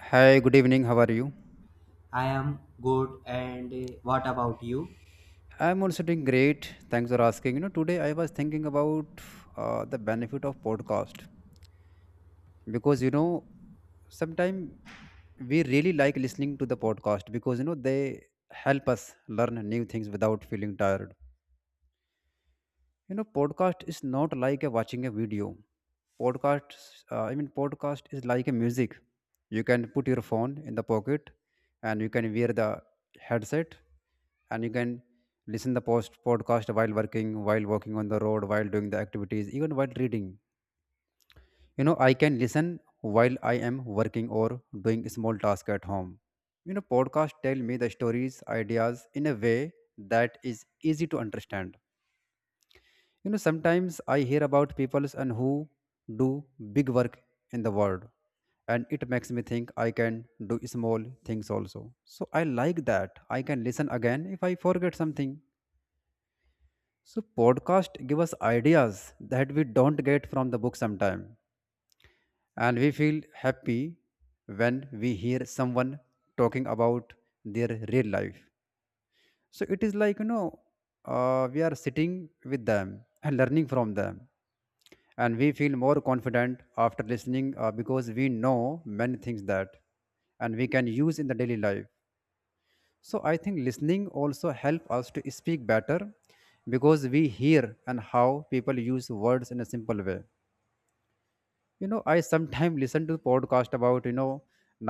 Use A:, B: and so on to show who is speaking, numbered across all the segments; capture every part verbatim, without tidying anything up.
A: Hi, good evening. How are you?
B: I am good, and uh, what about you?
A: I'm also doing great. Thanks for asking. You know, today I was thinking about uh, the benefit of podcast because you know sometimes we really like listening to the podcast because you know they help us learn new things without feeling tired. You know podcast is not like a watching a video podcast uh, i mean podcast is like a music. You can put your phone in the pocket and you can wear the headset and you can listen the post podcast while working, while walking on the road, while doing the activities, even while reading. You know I can listen while I am working or doing small task at home. You know podcast tell me the stories ideas in a way that is easy to understand. You know, sometimes I hear about people and who do big work in the world, and it makes me think I can do small things also. So I like that. I can listen again if I forget something. So podcast give us ideas that we don't get from the book sometime, and we feel happy when we hear someone talking about their real life. So it is like, you know, uh, we are sitting with them and learning from them, and we feel more confident after listening, uh, because we know many things that, and we can use in the daily life. So I think listening also help us to speak better because we hear and how people use words in a simple way. You know I sometimes listen to podcast about, you know,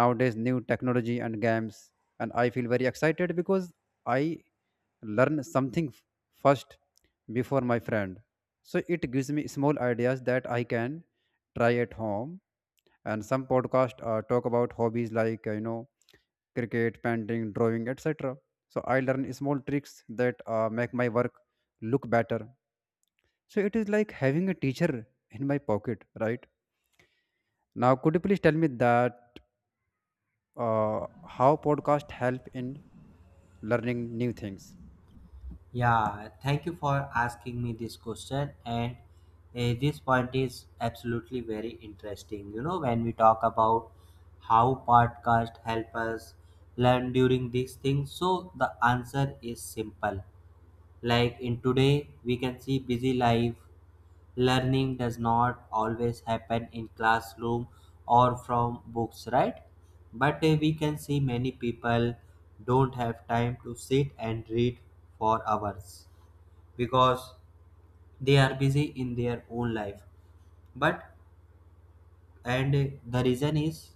A: nowadays new technology and games, and I feel very excited because I learn something f- first before my friend. So it gives me small ideas that I can try at home. And some podcast uh, talk about hobbies like, uh, you know, cricket, painting, drawing, etc. So I learn small tricks that uh, make my work look better. So it is like having a teacher in my pocket, right? Now, could you please tell me that uh, how podcast help in learning new things?
B: Yeah, thank you for asking me this question. And uh, this point is absolutely very interesting. You know, when we talk about how podcast help us learn during these things, so the answer is simple. Like in today, we can see busy life. Learning does not always happen in classroom or from books, right? But uh, we can see many people don't have time to sit and read for hours because they are busy in their own life. But and uh, the reason is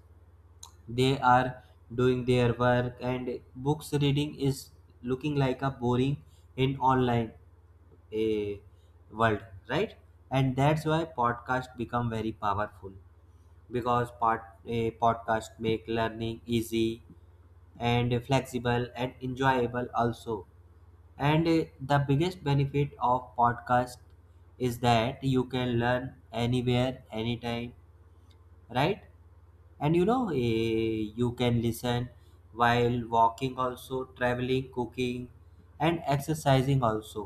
B: they are doing their work and books reading is looking like a boring in online a world, right? And that's why podcast become very powerful because part a podcast make learning easy and flexible and enjoyable also. And uh, the biggest benefit of podcast is that you can learn anywhere anytime, right? And you know, eh, you can listen while walking also, traveling, cooking, and exercising also.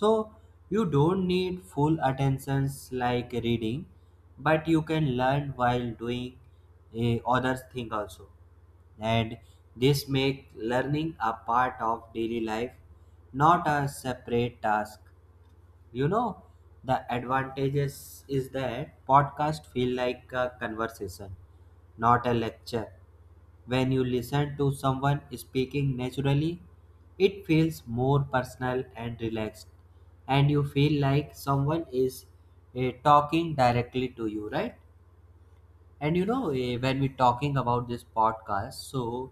B: So you don't need full attentions like reading, but you can learn while doing eh, other thing also. And this make learning a part of daily life, not a separate task. You know, the advantages is that podcast feel like a conversation, not a lecture. When you listen to someone speaking naturally, it feels more personal and relaxed, and you feel like someone is eh, talking directly to you, right? And you know, eh, when we're talking about this podcast, so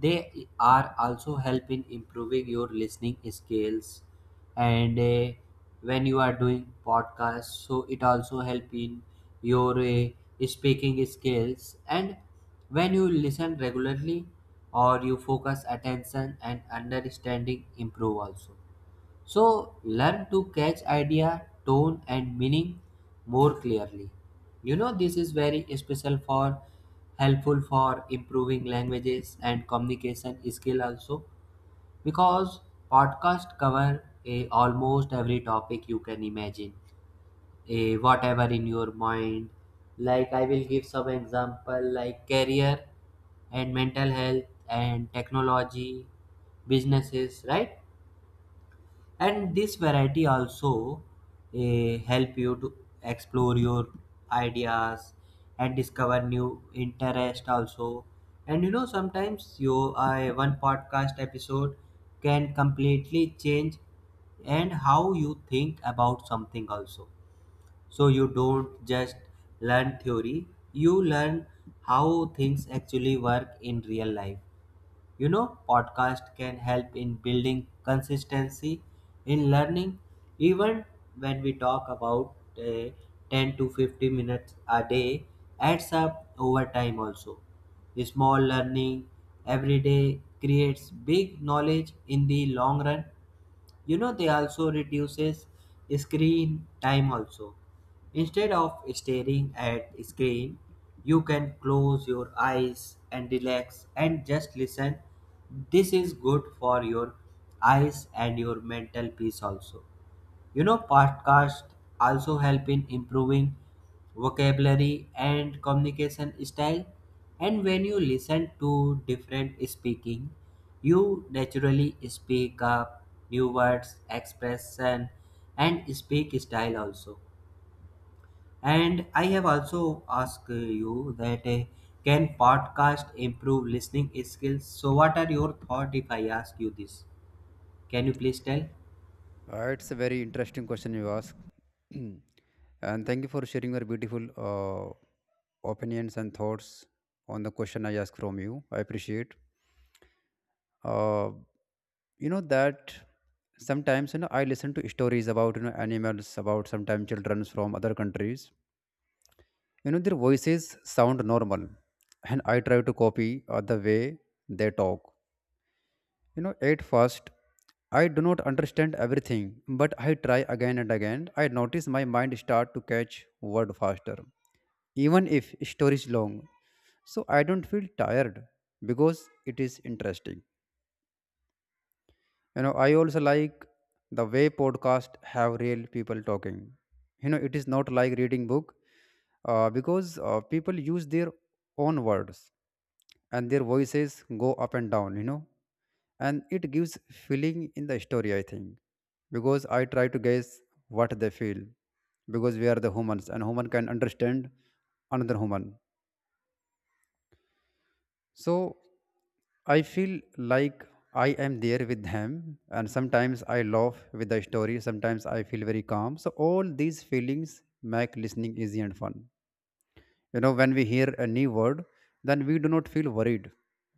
B: they are also help in improving your listening skills. And eh, when you are doing podcast, so it also help in your eh, speaking skills. And when you listen regularly, or you focus attention and understanding improve also. So learn to catch idea, tone and meaning more clearly. You know, this is very special for helpful for improving languages and communication skill also, because podcast cover a, almost every topic you can imagine, a, whatever in your mind. Like I will give some example like career and mental health and technology, businesses, right? And this variety also eh, help you to explore your ideas and discover new interest also. And you know, sometimes your uh, one podcast episode can completely change and how you think about something also. So you don't just learn theory, you learn how things actually work in real life. You know, podcast can help in building consistency in learning, even when we talk about uh, ten to fifty minutes a day adds up over time also. Small learning every day creates big knowledge in the long run. You know, they also reduces screen time also. Instead of staring at screen, you can close your eyes and relax and just listen. This is good for your eyes and your mental peace also. You know, podcasts also help in improving vocabulary and communication style. And when you listen to different speaking, you naturally speak up new words, expression, and speak style also. And I have also asked you that uh, can podcast improve listening skills? So, what are your thoughts if I ask you this? Can you please tell?
A: Uh, it's a very interesting question you ask, and thank you for sharing your beautiful uh, opinions and thoughts on the question I asked from you. I appreciate. Uh, you know that sometimes, you know, I listen to stories about, you know, animals, about sometimes children from other countries. You know their voices sound normal, and I try to copy uh, the way they talk. You know, at first, I do not understand everything, but I try again and again. I notice my mind start to catch word faster, even if story is long. So I don't feel tired because it is interesting. You know I also like the way podcast have real people talking. You know it is not like reading book, uh, because uh, people use their own words and their voices go up and down, you know, and it gives feeling in the story I think, because I try to guess what they feel, because we are the humans and human can understand another human. So I feel like I am there with them, and sometimes I laugh with the story, sometimes I feel very calm. So, all these feelings make listening easy and fun. You know, when we hear a new word, then we do not feel worried.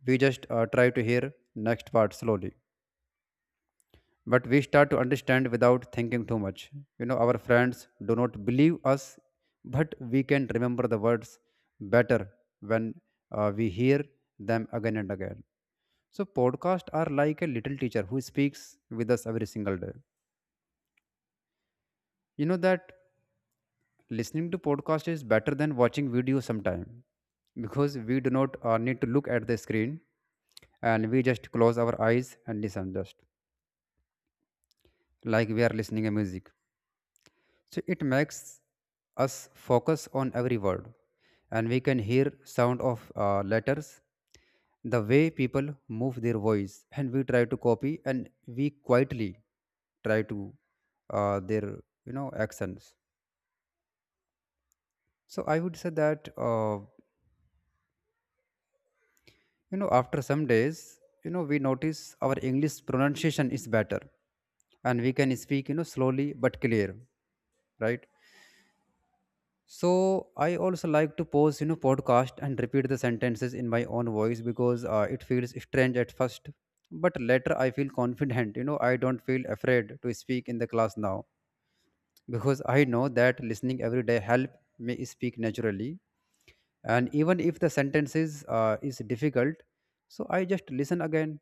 A: We just uh, try to hear next part slowly. But we start to understand without thinking too much. You know, our friends do not believe us, but we can remember the words better when uh, we hear them again and again. So podcasts are like a little teacher who speaks with us every single day. You know that listening to podcast is better than watching video sometime because we do not uh, need to look at the screen, and we just close our eyes and listen just like we are listening a music. So it makes us focus on every word, and we can hear sound of uh, letters, the way people move their voice, and we try to copy, and we quietly try to uh, their, you know, accents. So I would say that, uh, you know, after some days, you know, we notice our English pronunciation is better, and we can speak, you know, slowly but clear, right? So I also like to pause, you know, podcast and repeat the sentences in my own voice because uh, it feels strange at first, but later I feel confident. You know, I don't feel afraid to speak in the class now because I know that listening every day help me speak naturally. And even if the sentences uh, is difficult, so I just listen again.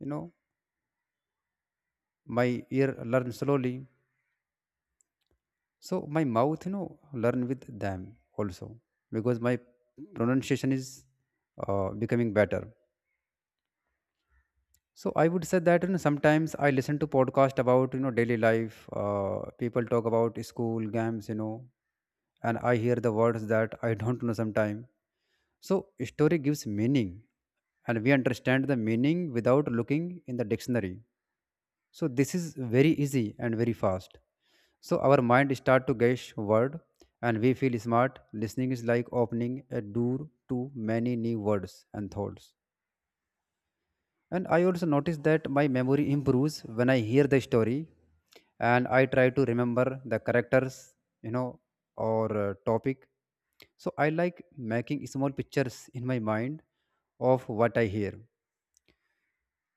A: You know, my ear learns slowly, so my mouth, you know, learn with them also, because my pronunciation is uh, becoming better. So I would say that, you know, sometimes I listen to podcast about, you know, daily life, uh, people talk about school, games, you know, and I hear the words that I don't know sometime. So story gives meaning, and we understand the meaning without looking in the dictionary. So this is very easy and very fast. So our mind start to guess word and we feel smart. Listening is like opening a door to many new words and thoughts. And I also notice that my memory improves when I hear the story and I try to remember the characters, you know, or uh, topic. So I like making small pictures in my mind of what I hear.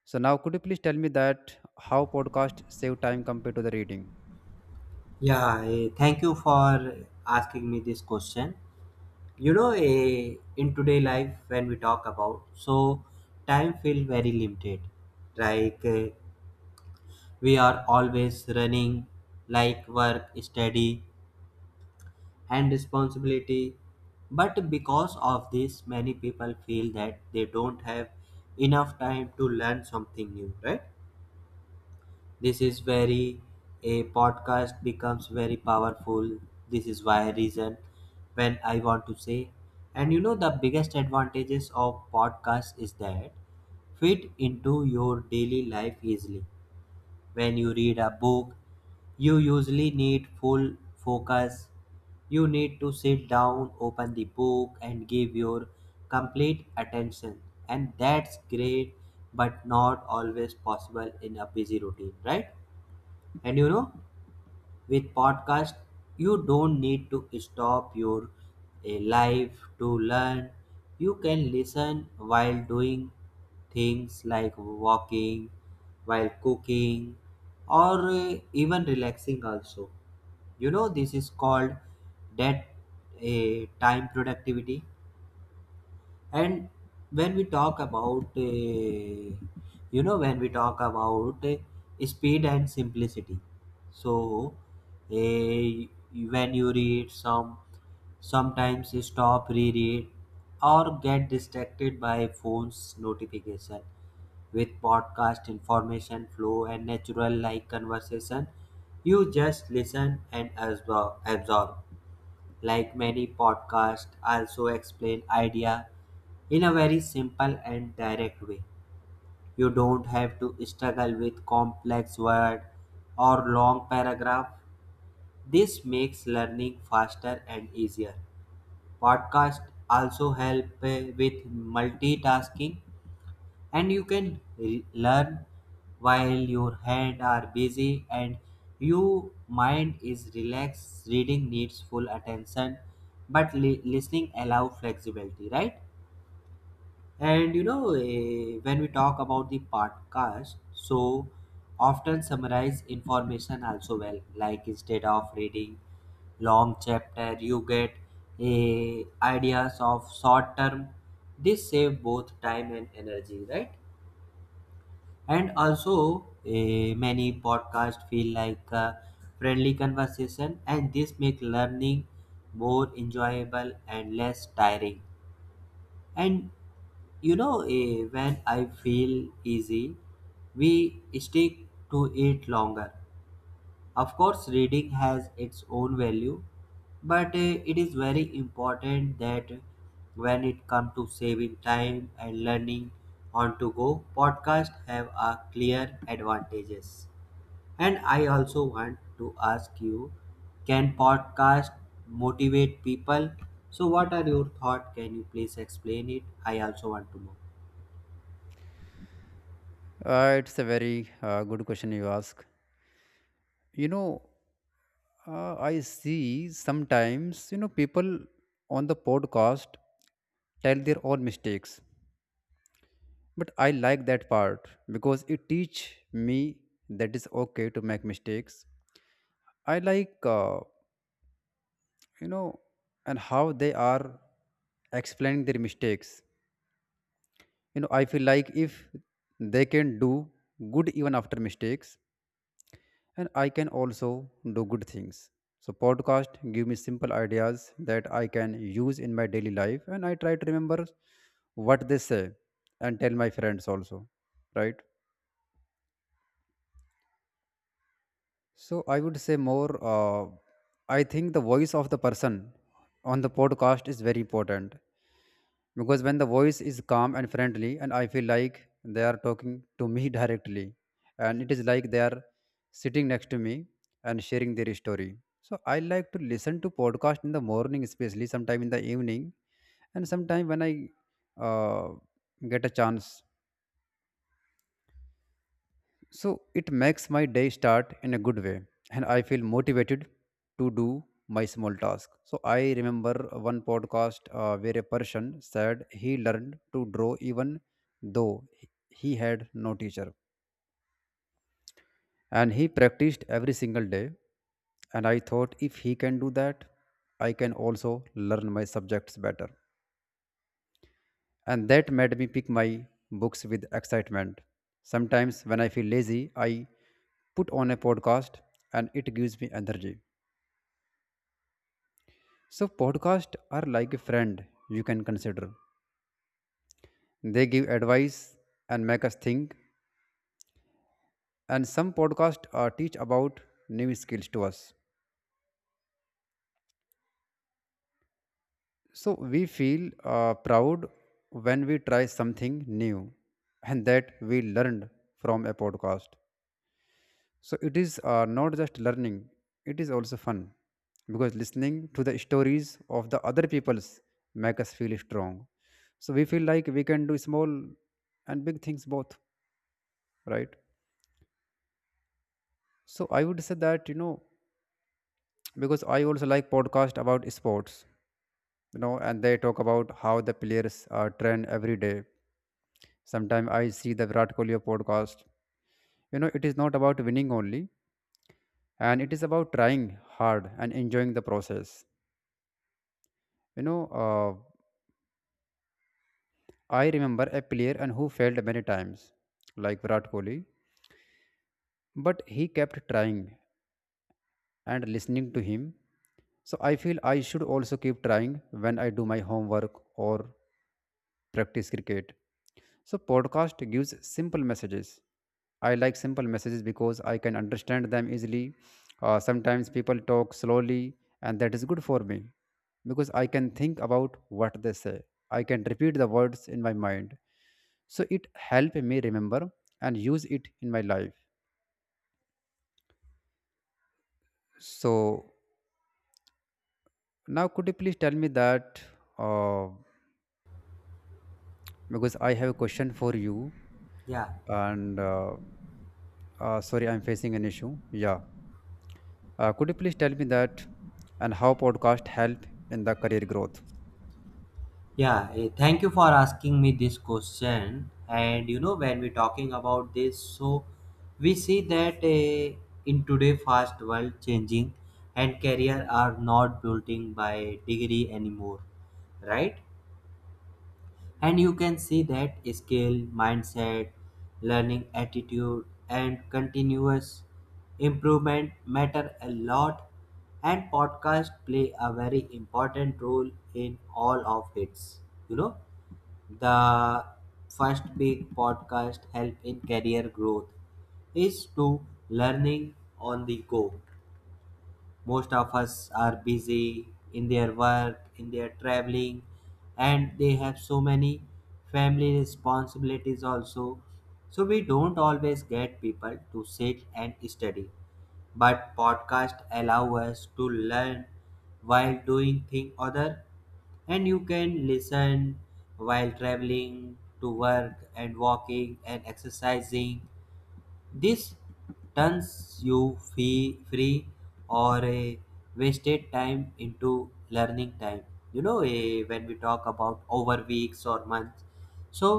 A: So now could you please tell me that how podcast save time compared to the reading?
B: Yeah, eh, thank you for asking me this question. You know, eh, in today life when we talk about, so time feel very limited. Like eh, we are always running, like work, study, and responsibility. But because of this, many people feel that they don't have enough time to learn something new, right? This is very a podcast becomes very powerful. This is why reason when I want to say. And you know, the biggest advantages of podcast is that fit into your daily life easily. When you read a book, you usually need full focus. You need to sit down, open the book, and give your complete attention. And that's great, but not always possible in a busy routine, right? And you know, with podcast, you don't need to stop your eh, life to learn. You can listen while doing things like walking, while cooking, or eh, even relaxing also. You know, this is called that eh, time productivity. And when we talk about, uh, you know, when we talk about uh, speed and simplicity, so uh, when you read some, sometimes you stop, reread, or get distracted by phone's notification. With podcast information flow and natural like conversation, you just listen and absor- absorb, like many podcasts, also explain idea in a very simple and direct way. You don't have to struggle with complex word or long paragraph. This makes learning faster and easier. Podcasts also help uh, with multitasking, and you can l- learn while your hands are busy and your mind is relaxed. Reading needs full attention, but li- listening allow flexibility, right? And you know, eh, when we talk about the podcast, so often summarize information also well, like instead of reading long chapter you get eh, ideas of short term. This save both time and energy, right? And also, eh, many podcasts feel like a friendly conversation, and this make learning more enjoyable and less tiring. And you know, eh, when I feel easy, we stick to it longer. Of course, reading has its own value, but uh, it is very important that when it comes to saving time and learning on to go, podcasts have a clear advantages. And I also want to ask you, can podcast motivate people? So, what are your thoughts? Can you please explain it? I also want to know.
A: Uh, it's a very uh, good question you ask. You know, uh, I see sometimes, you know, people on the podcast tell their own mistakes. But I like that part because it teach me that it's okay to make mistakes. I like, uh, you know, and how they are explaining their mistakes. You know, I feel like if they can do good even after mistakes, and I can also do good things. So podcast give me simple ideas that I can use in my daily life, and I try to remember what they say and tell my friends also, right? So I would say more, uh, I think the voice of the person on the podcast is very important because when the voice is calm and friendly, and I feel like they are talking to me directly, and it is like they are sitting next to me and sharing their story. So I like to listen to podcast in the morning, especially sometime in the evening, and sometime when I uh, get a chance. So it makes my day start in a good way and I feel motivated to do my small task. So I remember one podcast uh, where a person said he learned to draw even though he he had no teacher and he practiced every single day. And I thought if he can do that, I can also learn my subjects better. And that made me pick my books with excitement. Sometimes, when I feel lazy, I put on a podcast and it gives me energy. So, podcasts are like a friend you can consider. They give advice and make us think, and some podcasts uh, teach about new skills to us. So, we feel uh, proud when we try something new and that we learned from a podcast. So it is, uh, not just learning, it is also fun because listening to the stories of the other people's make us feel strong. So we feel like we can do small and big things both, right? So I would say that, you know, because I also like podcast about sports, you know, and they talk about how the players are trained every day. Sometimes I see the Virat Kohli podcast. You know, it is not about winning only, and it is about trying hard and enjoying the process. You know, uh, I remember a player and who failed many times, like Virat Kohli, but he kept trying and listening to him. So I feel I should also keep trying when I do my homework or practice cricket. So podcast gives simple messages. I like simple messages because I can understand them easily. Uh, sometimes people talk slowly, and that is good for me because I can think about what they say. I can repeat the words in my mind, so it help me remember and use it in my life. So now, could you please tell me that uh, because I have a question for you,
B: Yeah.
A: and uh, uh, sorry, I'm facing an issue. Yeah. Uh, could you please tell me that and how podcast help in the career growth?
B: Yeah, eh, thank you for asking me this question. And you know, when we're talking about this, so we see that eh, in today fast world, changing and career are not building by degree anymore, right? And you can see that skill, mindset, learning attitude, and continuous improvement matter a lot. And podcast play a very important role in all of its. You know, the first big podcast help in career growth is to learning on the go. Most of us are busy in their work, in their traveling, and they have so many family responsibilities also. So we don't always get people to sit and study, but podcast allow us to learn while doing thing other, and you can listen while traveling to work and walking and exercising. This turns you fee- free or a wasted time into learning time. You know, eh, when we talk about over weeks or months, so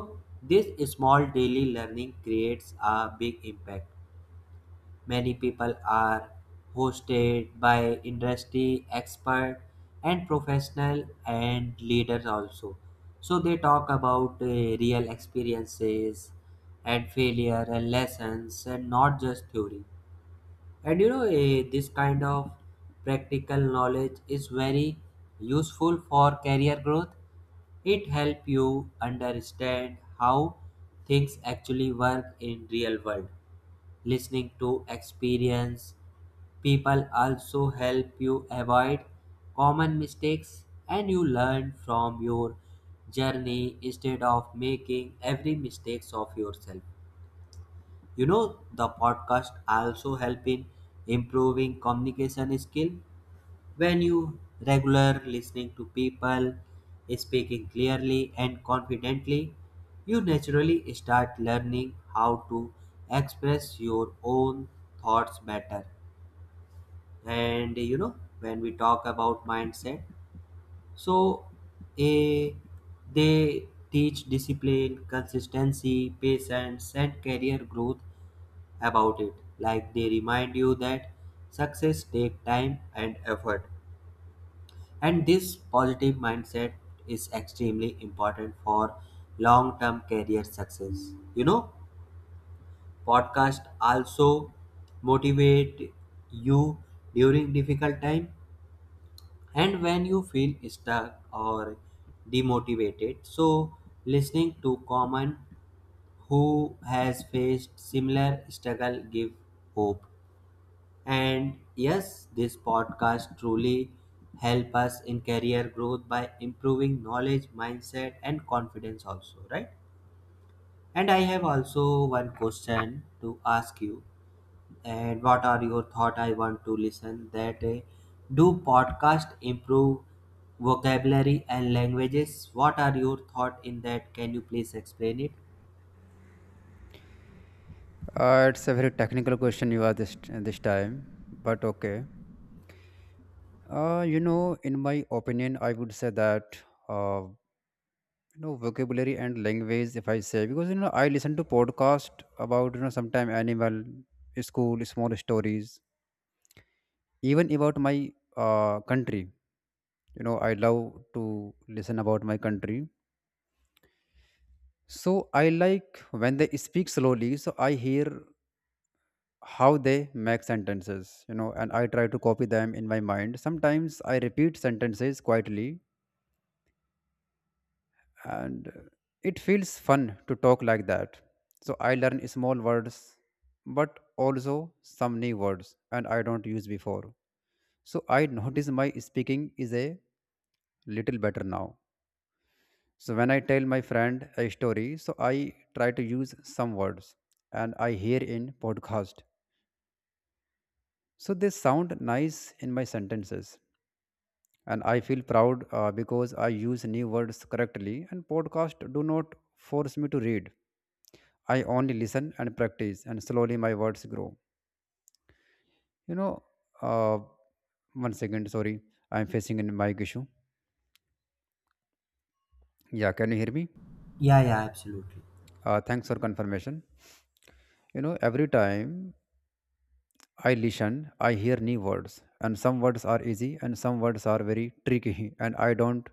B: this small daily learning creates a big impact. Many people are hosted by industry expert and professional and leaders also. So they talk about uh, real experiences and failure and lessons, and not just theory. And you know, eh, this kind of practical knowledge is very useful for career growth. It helps you understand how things actually work in real world. Listening to experience people also help you avoid common mistakes, and you learn from your journey instead of making every mistakes of yourself. You know, the podcast also help in improving communication skill. When you regular listening to people speaking clearly and confidently, you naturally start learning how to express your own thoughts better. And you know, when we talk about mindset, so a they teach discipline, consistency, patience, and career growth about it. Like they remind you that success takes time and effort. And this positive mindset is extremely important for long-term career success. You know, podcast also motivate you during difficult time, and when you feel stuck or demotivated. So listening to common who has faced similar struggle give hope. And yes, this podcast truly help us in career growth by improving knowledge, mindset and confidence also, right? And I have also one question to ask you. And what are your thought I want to listen that uh, do podcast improve vocabulary and languages? What are your thought in that? Can you please explain it?
A: Uh, it's a very technical question you asked this, this time, but okay. Uh, you know, in my opinion, I would say that, uh, you know, vocabulary and language. If I say, because you know I listen to podcast about you know sometime animal, school, small stories, even about my uh, country. You know, I love to listen about my country. So I like when they speak slowly. So I hear how they make sentences you know and I try to copy them in my mind. Sometimes I repeat sentences quietly, and uh, it feels fun to talk like that. So I learn small words, but also some new words and I don't use before. So I notice my speaking is a little better now. So when I tell my friend a story, so I try to use some words and I hear in podcast, so they sound nice in my sentences. And I feel proud uh, because I use new words correctly, and podcasts do not force me to read. I only listen and practice, and slowly my words grow. you know uh, One second, sorry. I'm facing a mic issue. Yeah, can you hear me?
B: Yeah, yeah, absolutely.
A: Uh, thanks for confirmation. You know, every time I listen, I hear new words, and some words are easy and some words are very tricky, and I don't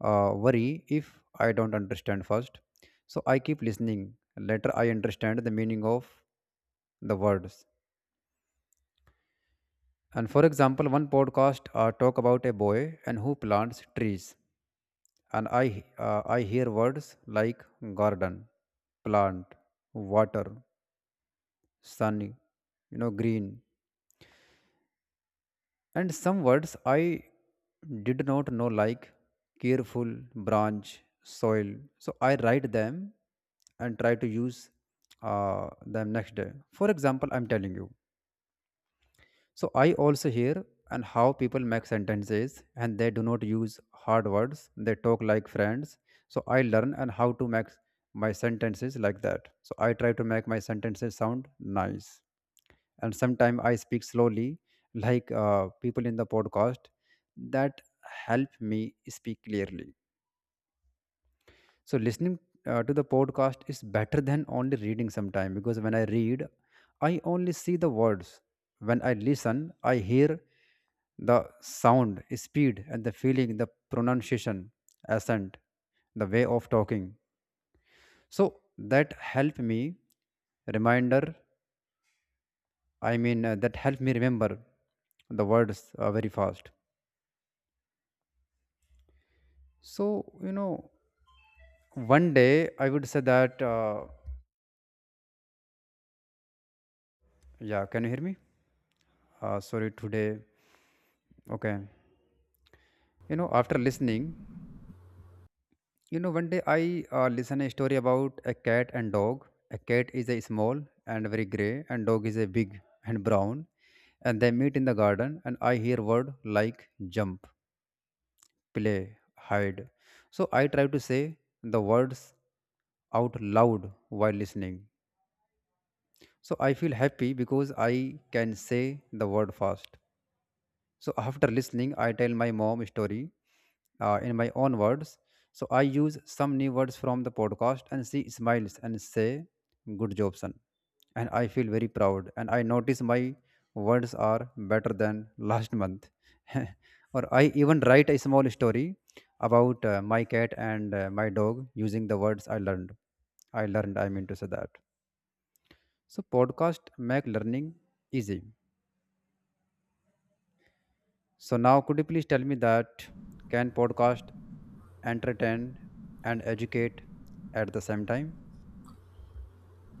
A: uh, worry if I don't understand first. So I keep listening. Later, I understand the meaning of the words. And for example, one podcast uh, talk about a boy and who plants trees, and I uh, I hear words like garden, plant, water, sun, you know, green, and some words I did not know like careful, branch, soil. So I write them and try to use uh, them next day. For example, I'm telling you. So I also hear and how people make sentences, and they do not use hard words. They talk like friends. So I learn and how to make my sentences like that. So I try to make my sentences sound nice. And sometimes I speak slowly, like uh, people in the podcast. That help me speak clearly. So listening uh, to the podcast is better than only reading sometime, because when I read, I only see the words. When I listen, I hear the sound speed and the feeling, the pronunciation, accent, the way of talking. So that help me reminder. I mean uh, that help me remember the words uh, very fast. So you know, one day I would say that uh, yeah, can you hear me? Uh, sorry today. Okay. You know, after listening, you know, one day I uh, listen a story about a cat and dog. A cat is a small and very gray, and dog is a big and brown, and they meet in the garden. And I hear word like jump, play, hide. So I try to say the words out loud while listening. So I feel happy because I can say the word fast. So after listening, I tell my mom story uh, in my own words. So I use some new words from the podcast, and she smiles and say, "Good job, son." And I feel very proud, and I notice my words are better than last month. Or I even write a small story about uh, my cat and uh, my dog using the words I learned. I learned. I mean to say that. So podcast make learning easy. So now, could you please tell me that can podcast entertain and educate at the same time?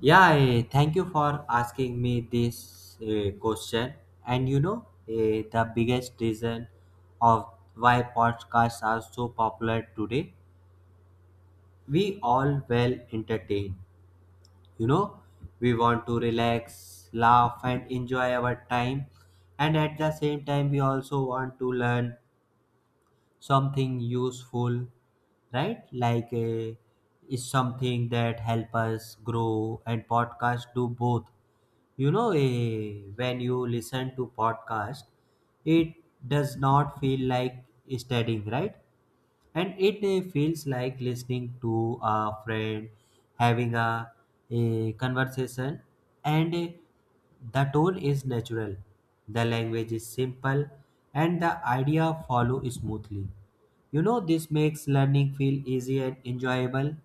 B: Yeah, eh, thank you for asking me this eh, question. And you know, eh, the biggest reason of why podcasts are so popular today, we all well entertain. You know, we want to relax, laugh, and enjoy our time. And at the same time, we also want to learn something useful, right? Like eh, is something that help us grow, and podcasts do both. You know, eh, when you listen to podcast, it does not feel like studying, right? And it eh, feels like listening to a friend having a, a conversation, and eh, the tone is natural, the language is simple, and the idea follow smoothly. You know, this makes learning feel easy and enjoyable.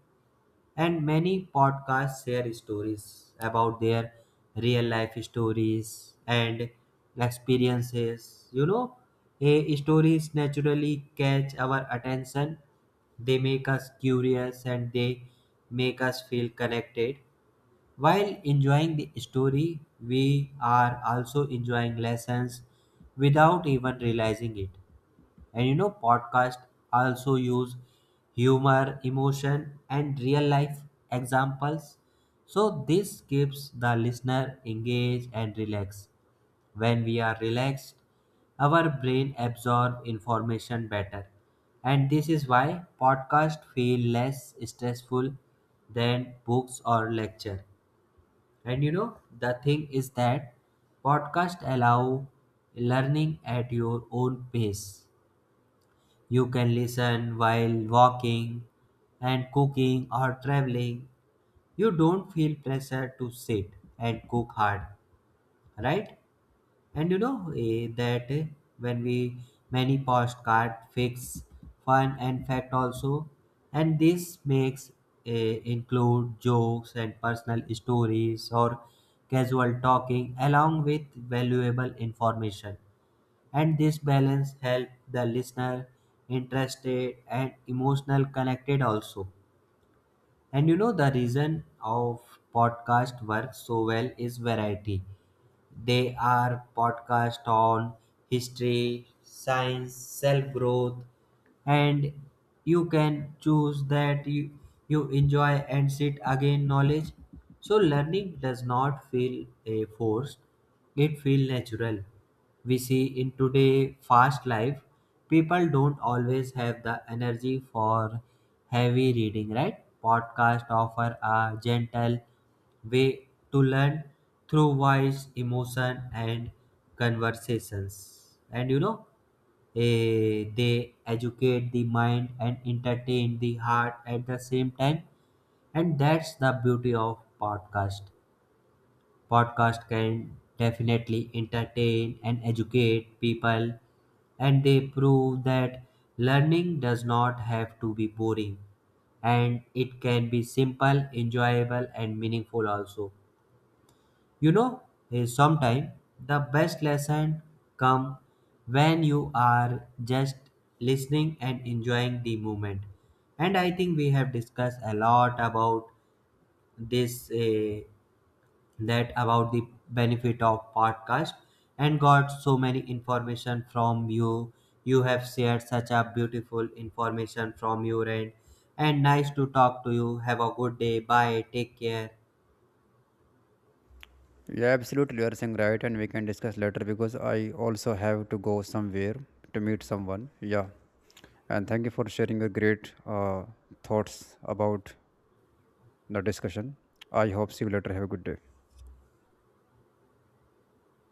B: And many podcasts share stories about their real life stories and experiences. You know, eh, stories naturally catch our attention, they make us curious and they make us feel connected. While enjoying the story, we are also enjoying lessons without even realizing it. And you know, podcasts also use humor, emotion, and real life examples. So this keeps the listener engaged and relaxed. When we are relaxed, our brain absorbs information better. And this is why podcasts feel less stressful than books or lecture. And you know, the thing is that podcasts allow learning at your own pace. You can listen while walking and cooking or traveling. You don't feel pressure to sit and cook hard, right? And you know, eh, that eh, when we many postcard fix fun and fact also, and this makes eh, include jokes and personal stories or casual talking along with valuable information, and this balance helps the listener interested and emotional connected also. And you know, the reason of podcast work so well is variety. They are podcast on history, science, self growth, and you can choose that you, you enjoy and sit again knowledge. So learning does not feel a forced; it feel natural. We see in today fast life, people don't always have the energy for heavy reading, right? Podcasts offer a gentle way to learn through voice, emotion, and conversations. And you know, eh, they educate the mind and entertain the heart at the same time. And that's the beauty of podcast. Podcast can definitely entertain and educate people, and they prove that learning does not have to be boring, and it can be simple, enjoyable, and meaningful also. You know, sometimes the best lesson come when you are just listening and enjoying the moment. And I think we have discussed a lot about this uh, that about the benefit of podcast, and got so many information from you. You have shared such a beautiful information from your end, and nice to talk to you. Have a good day. Bye, take care.
A: Yeah, absolutely. You are saying right, and we can discuss later because I also have to go somewhere to meet someone. Yeah, and thank you for sharing your great uh, thoughts about the discussion. I hope see you later. Have a good day.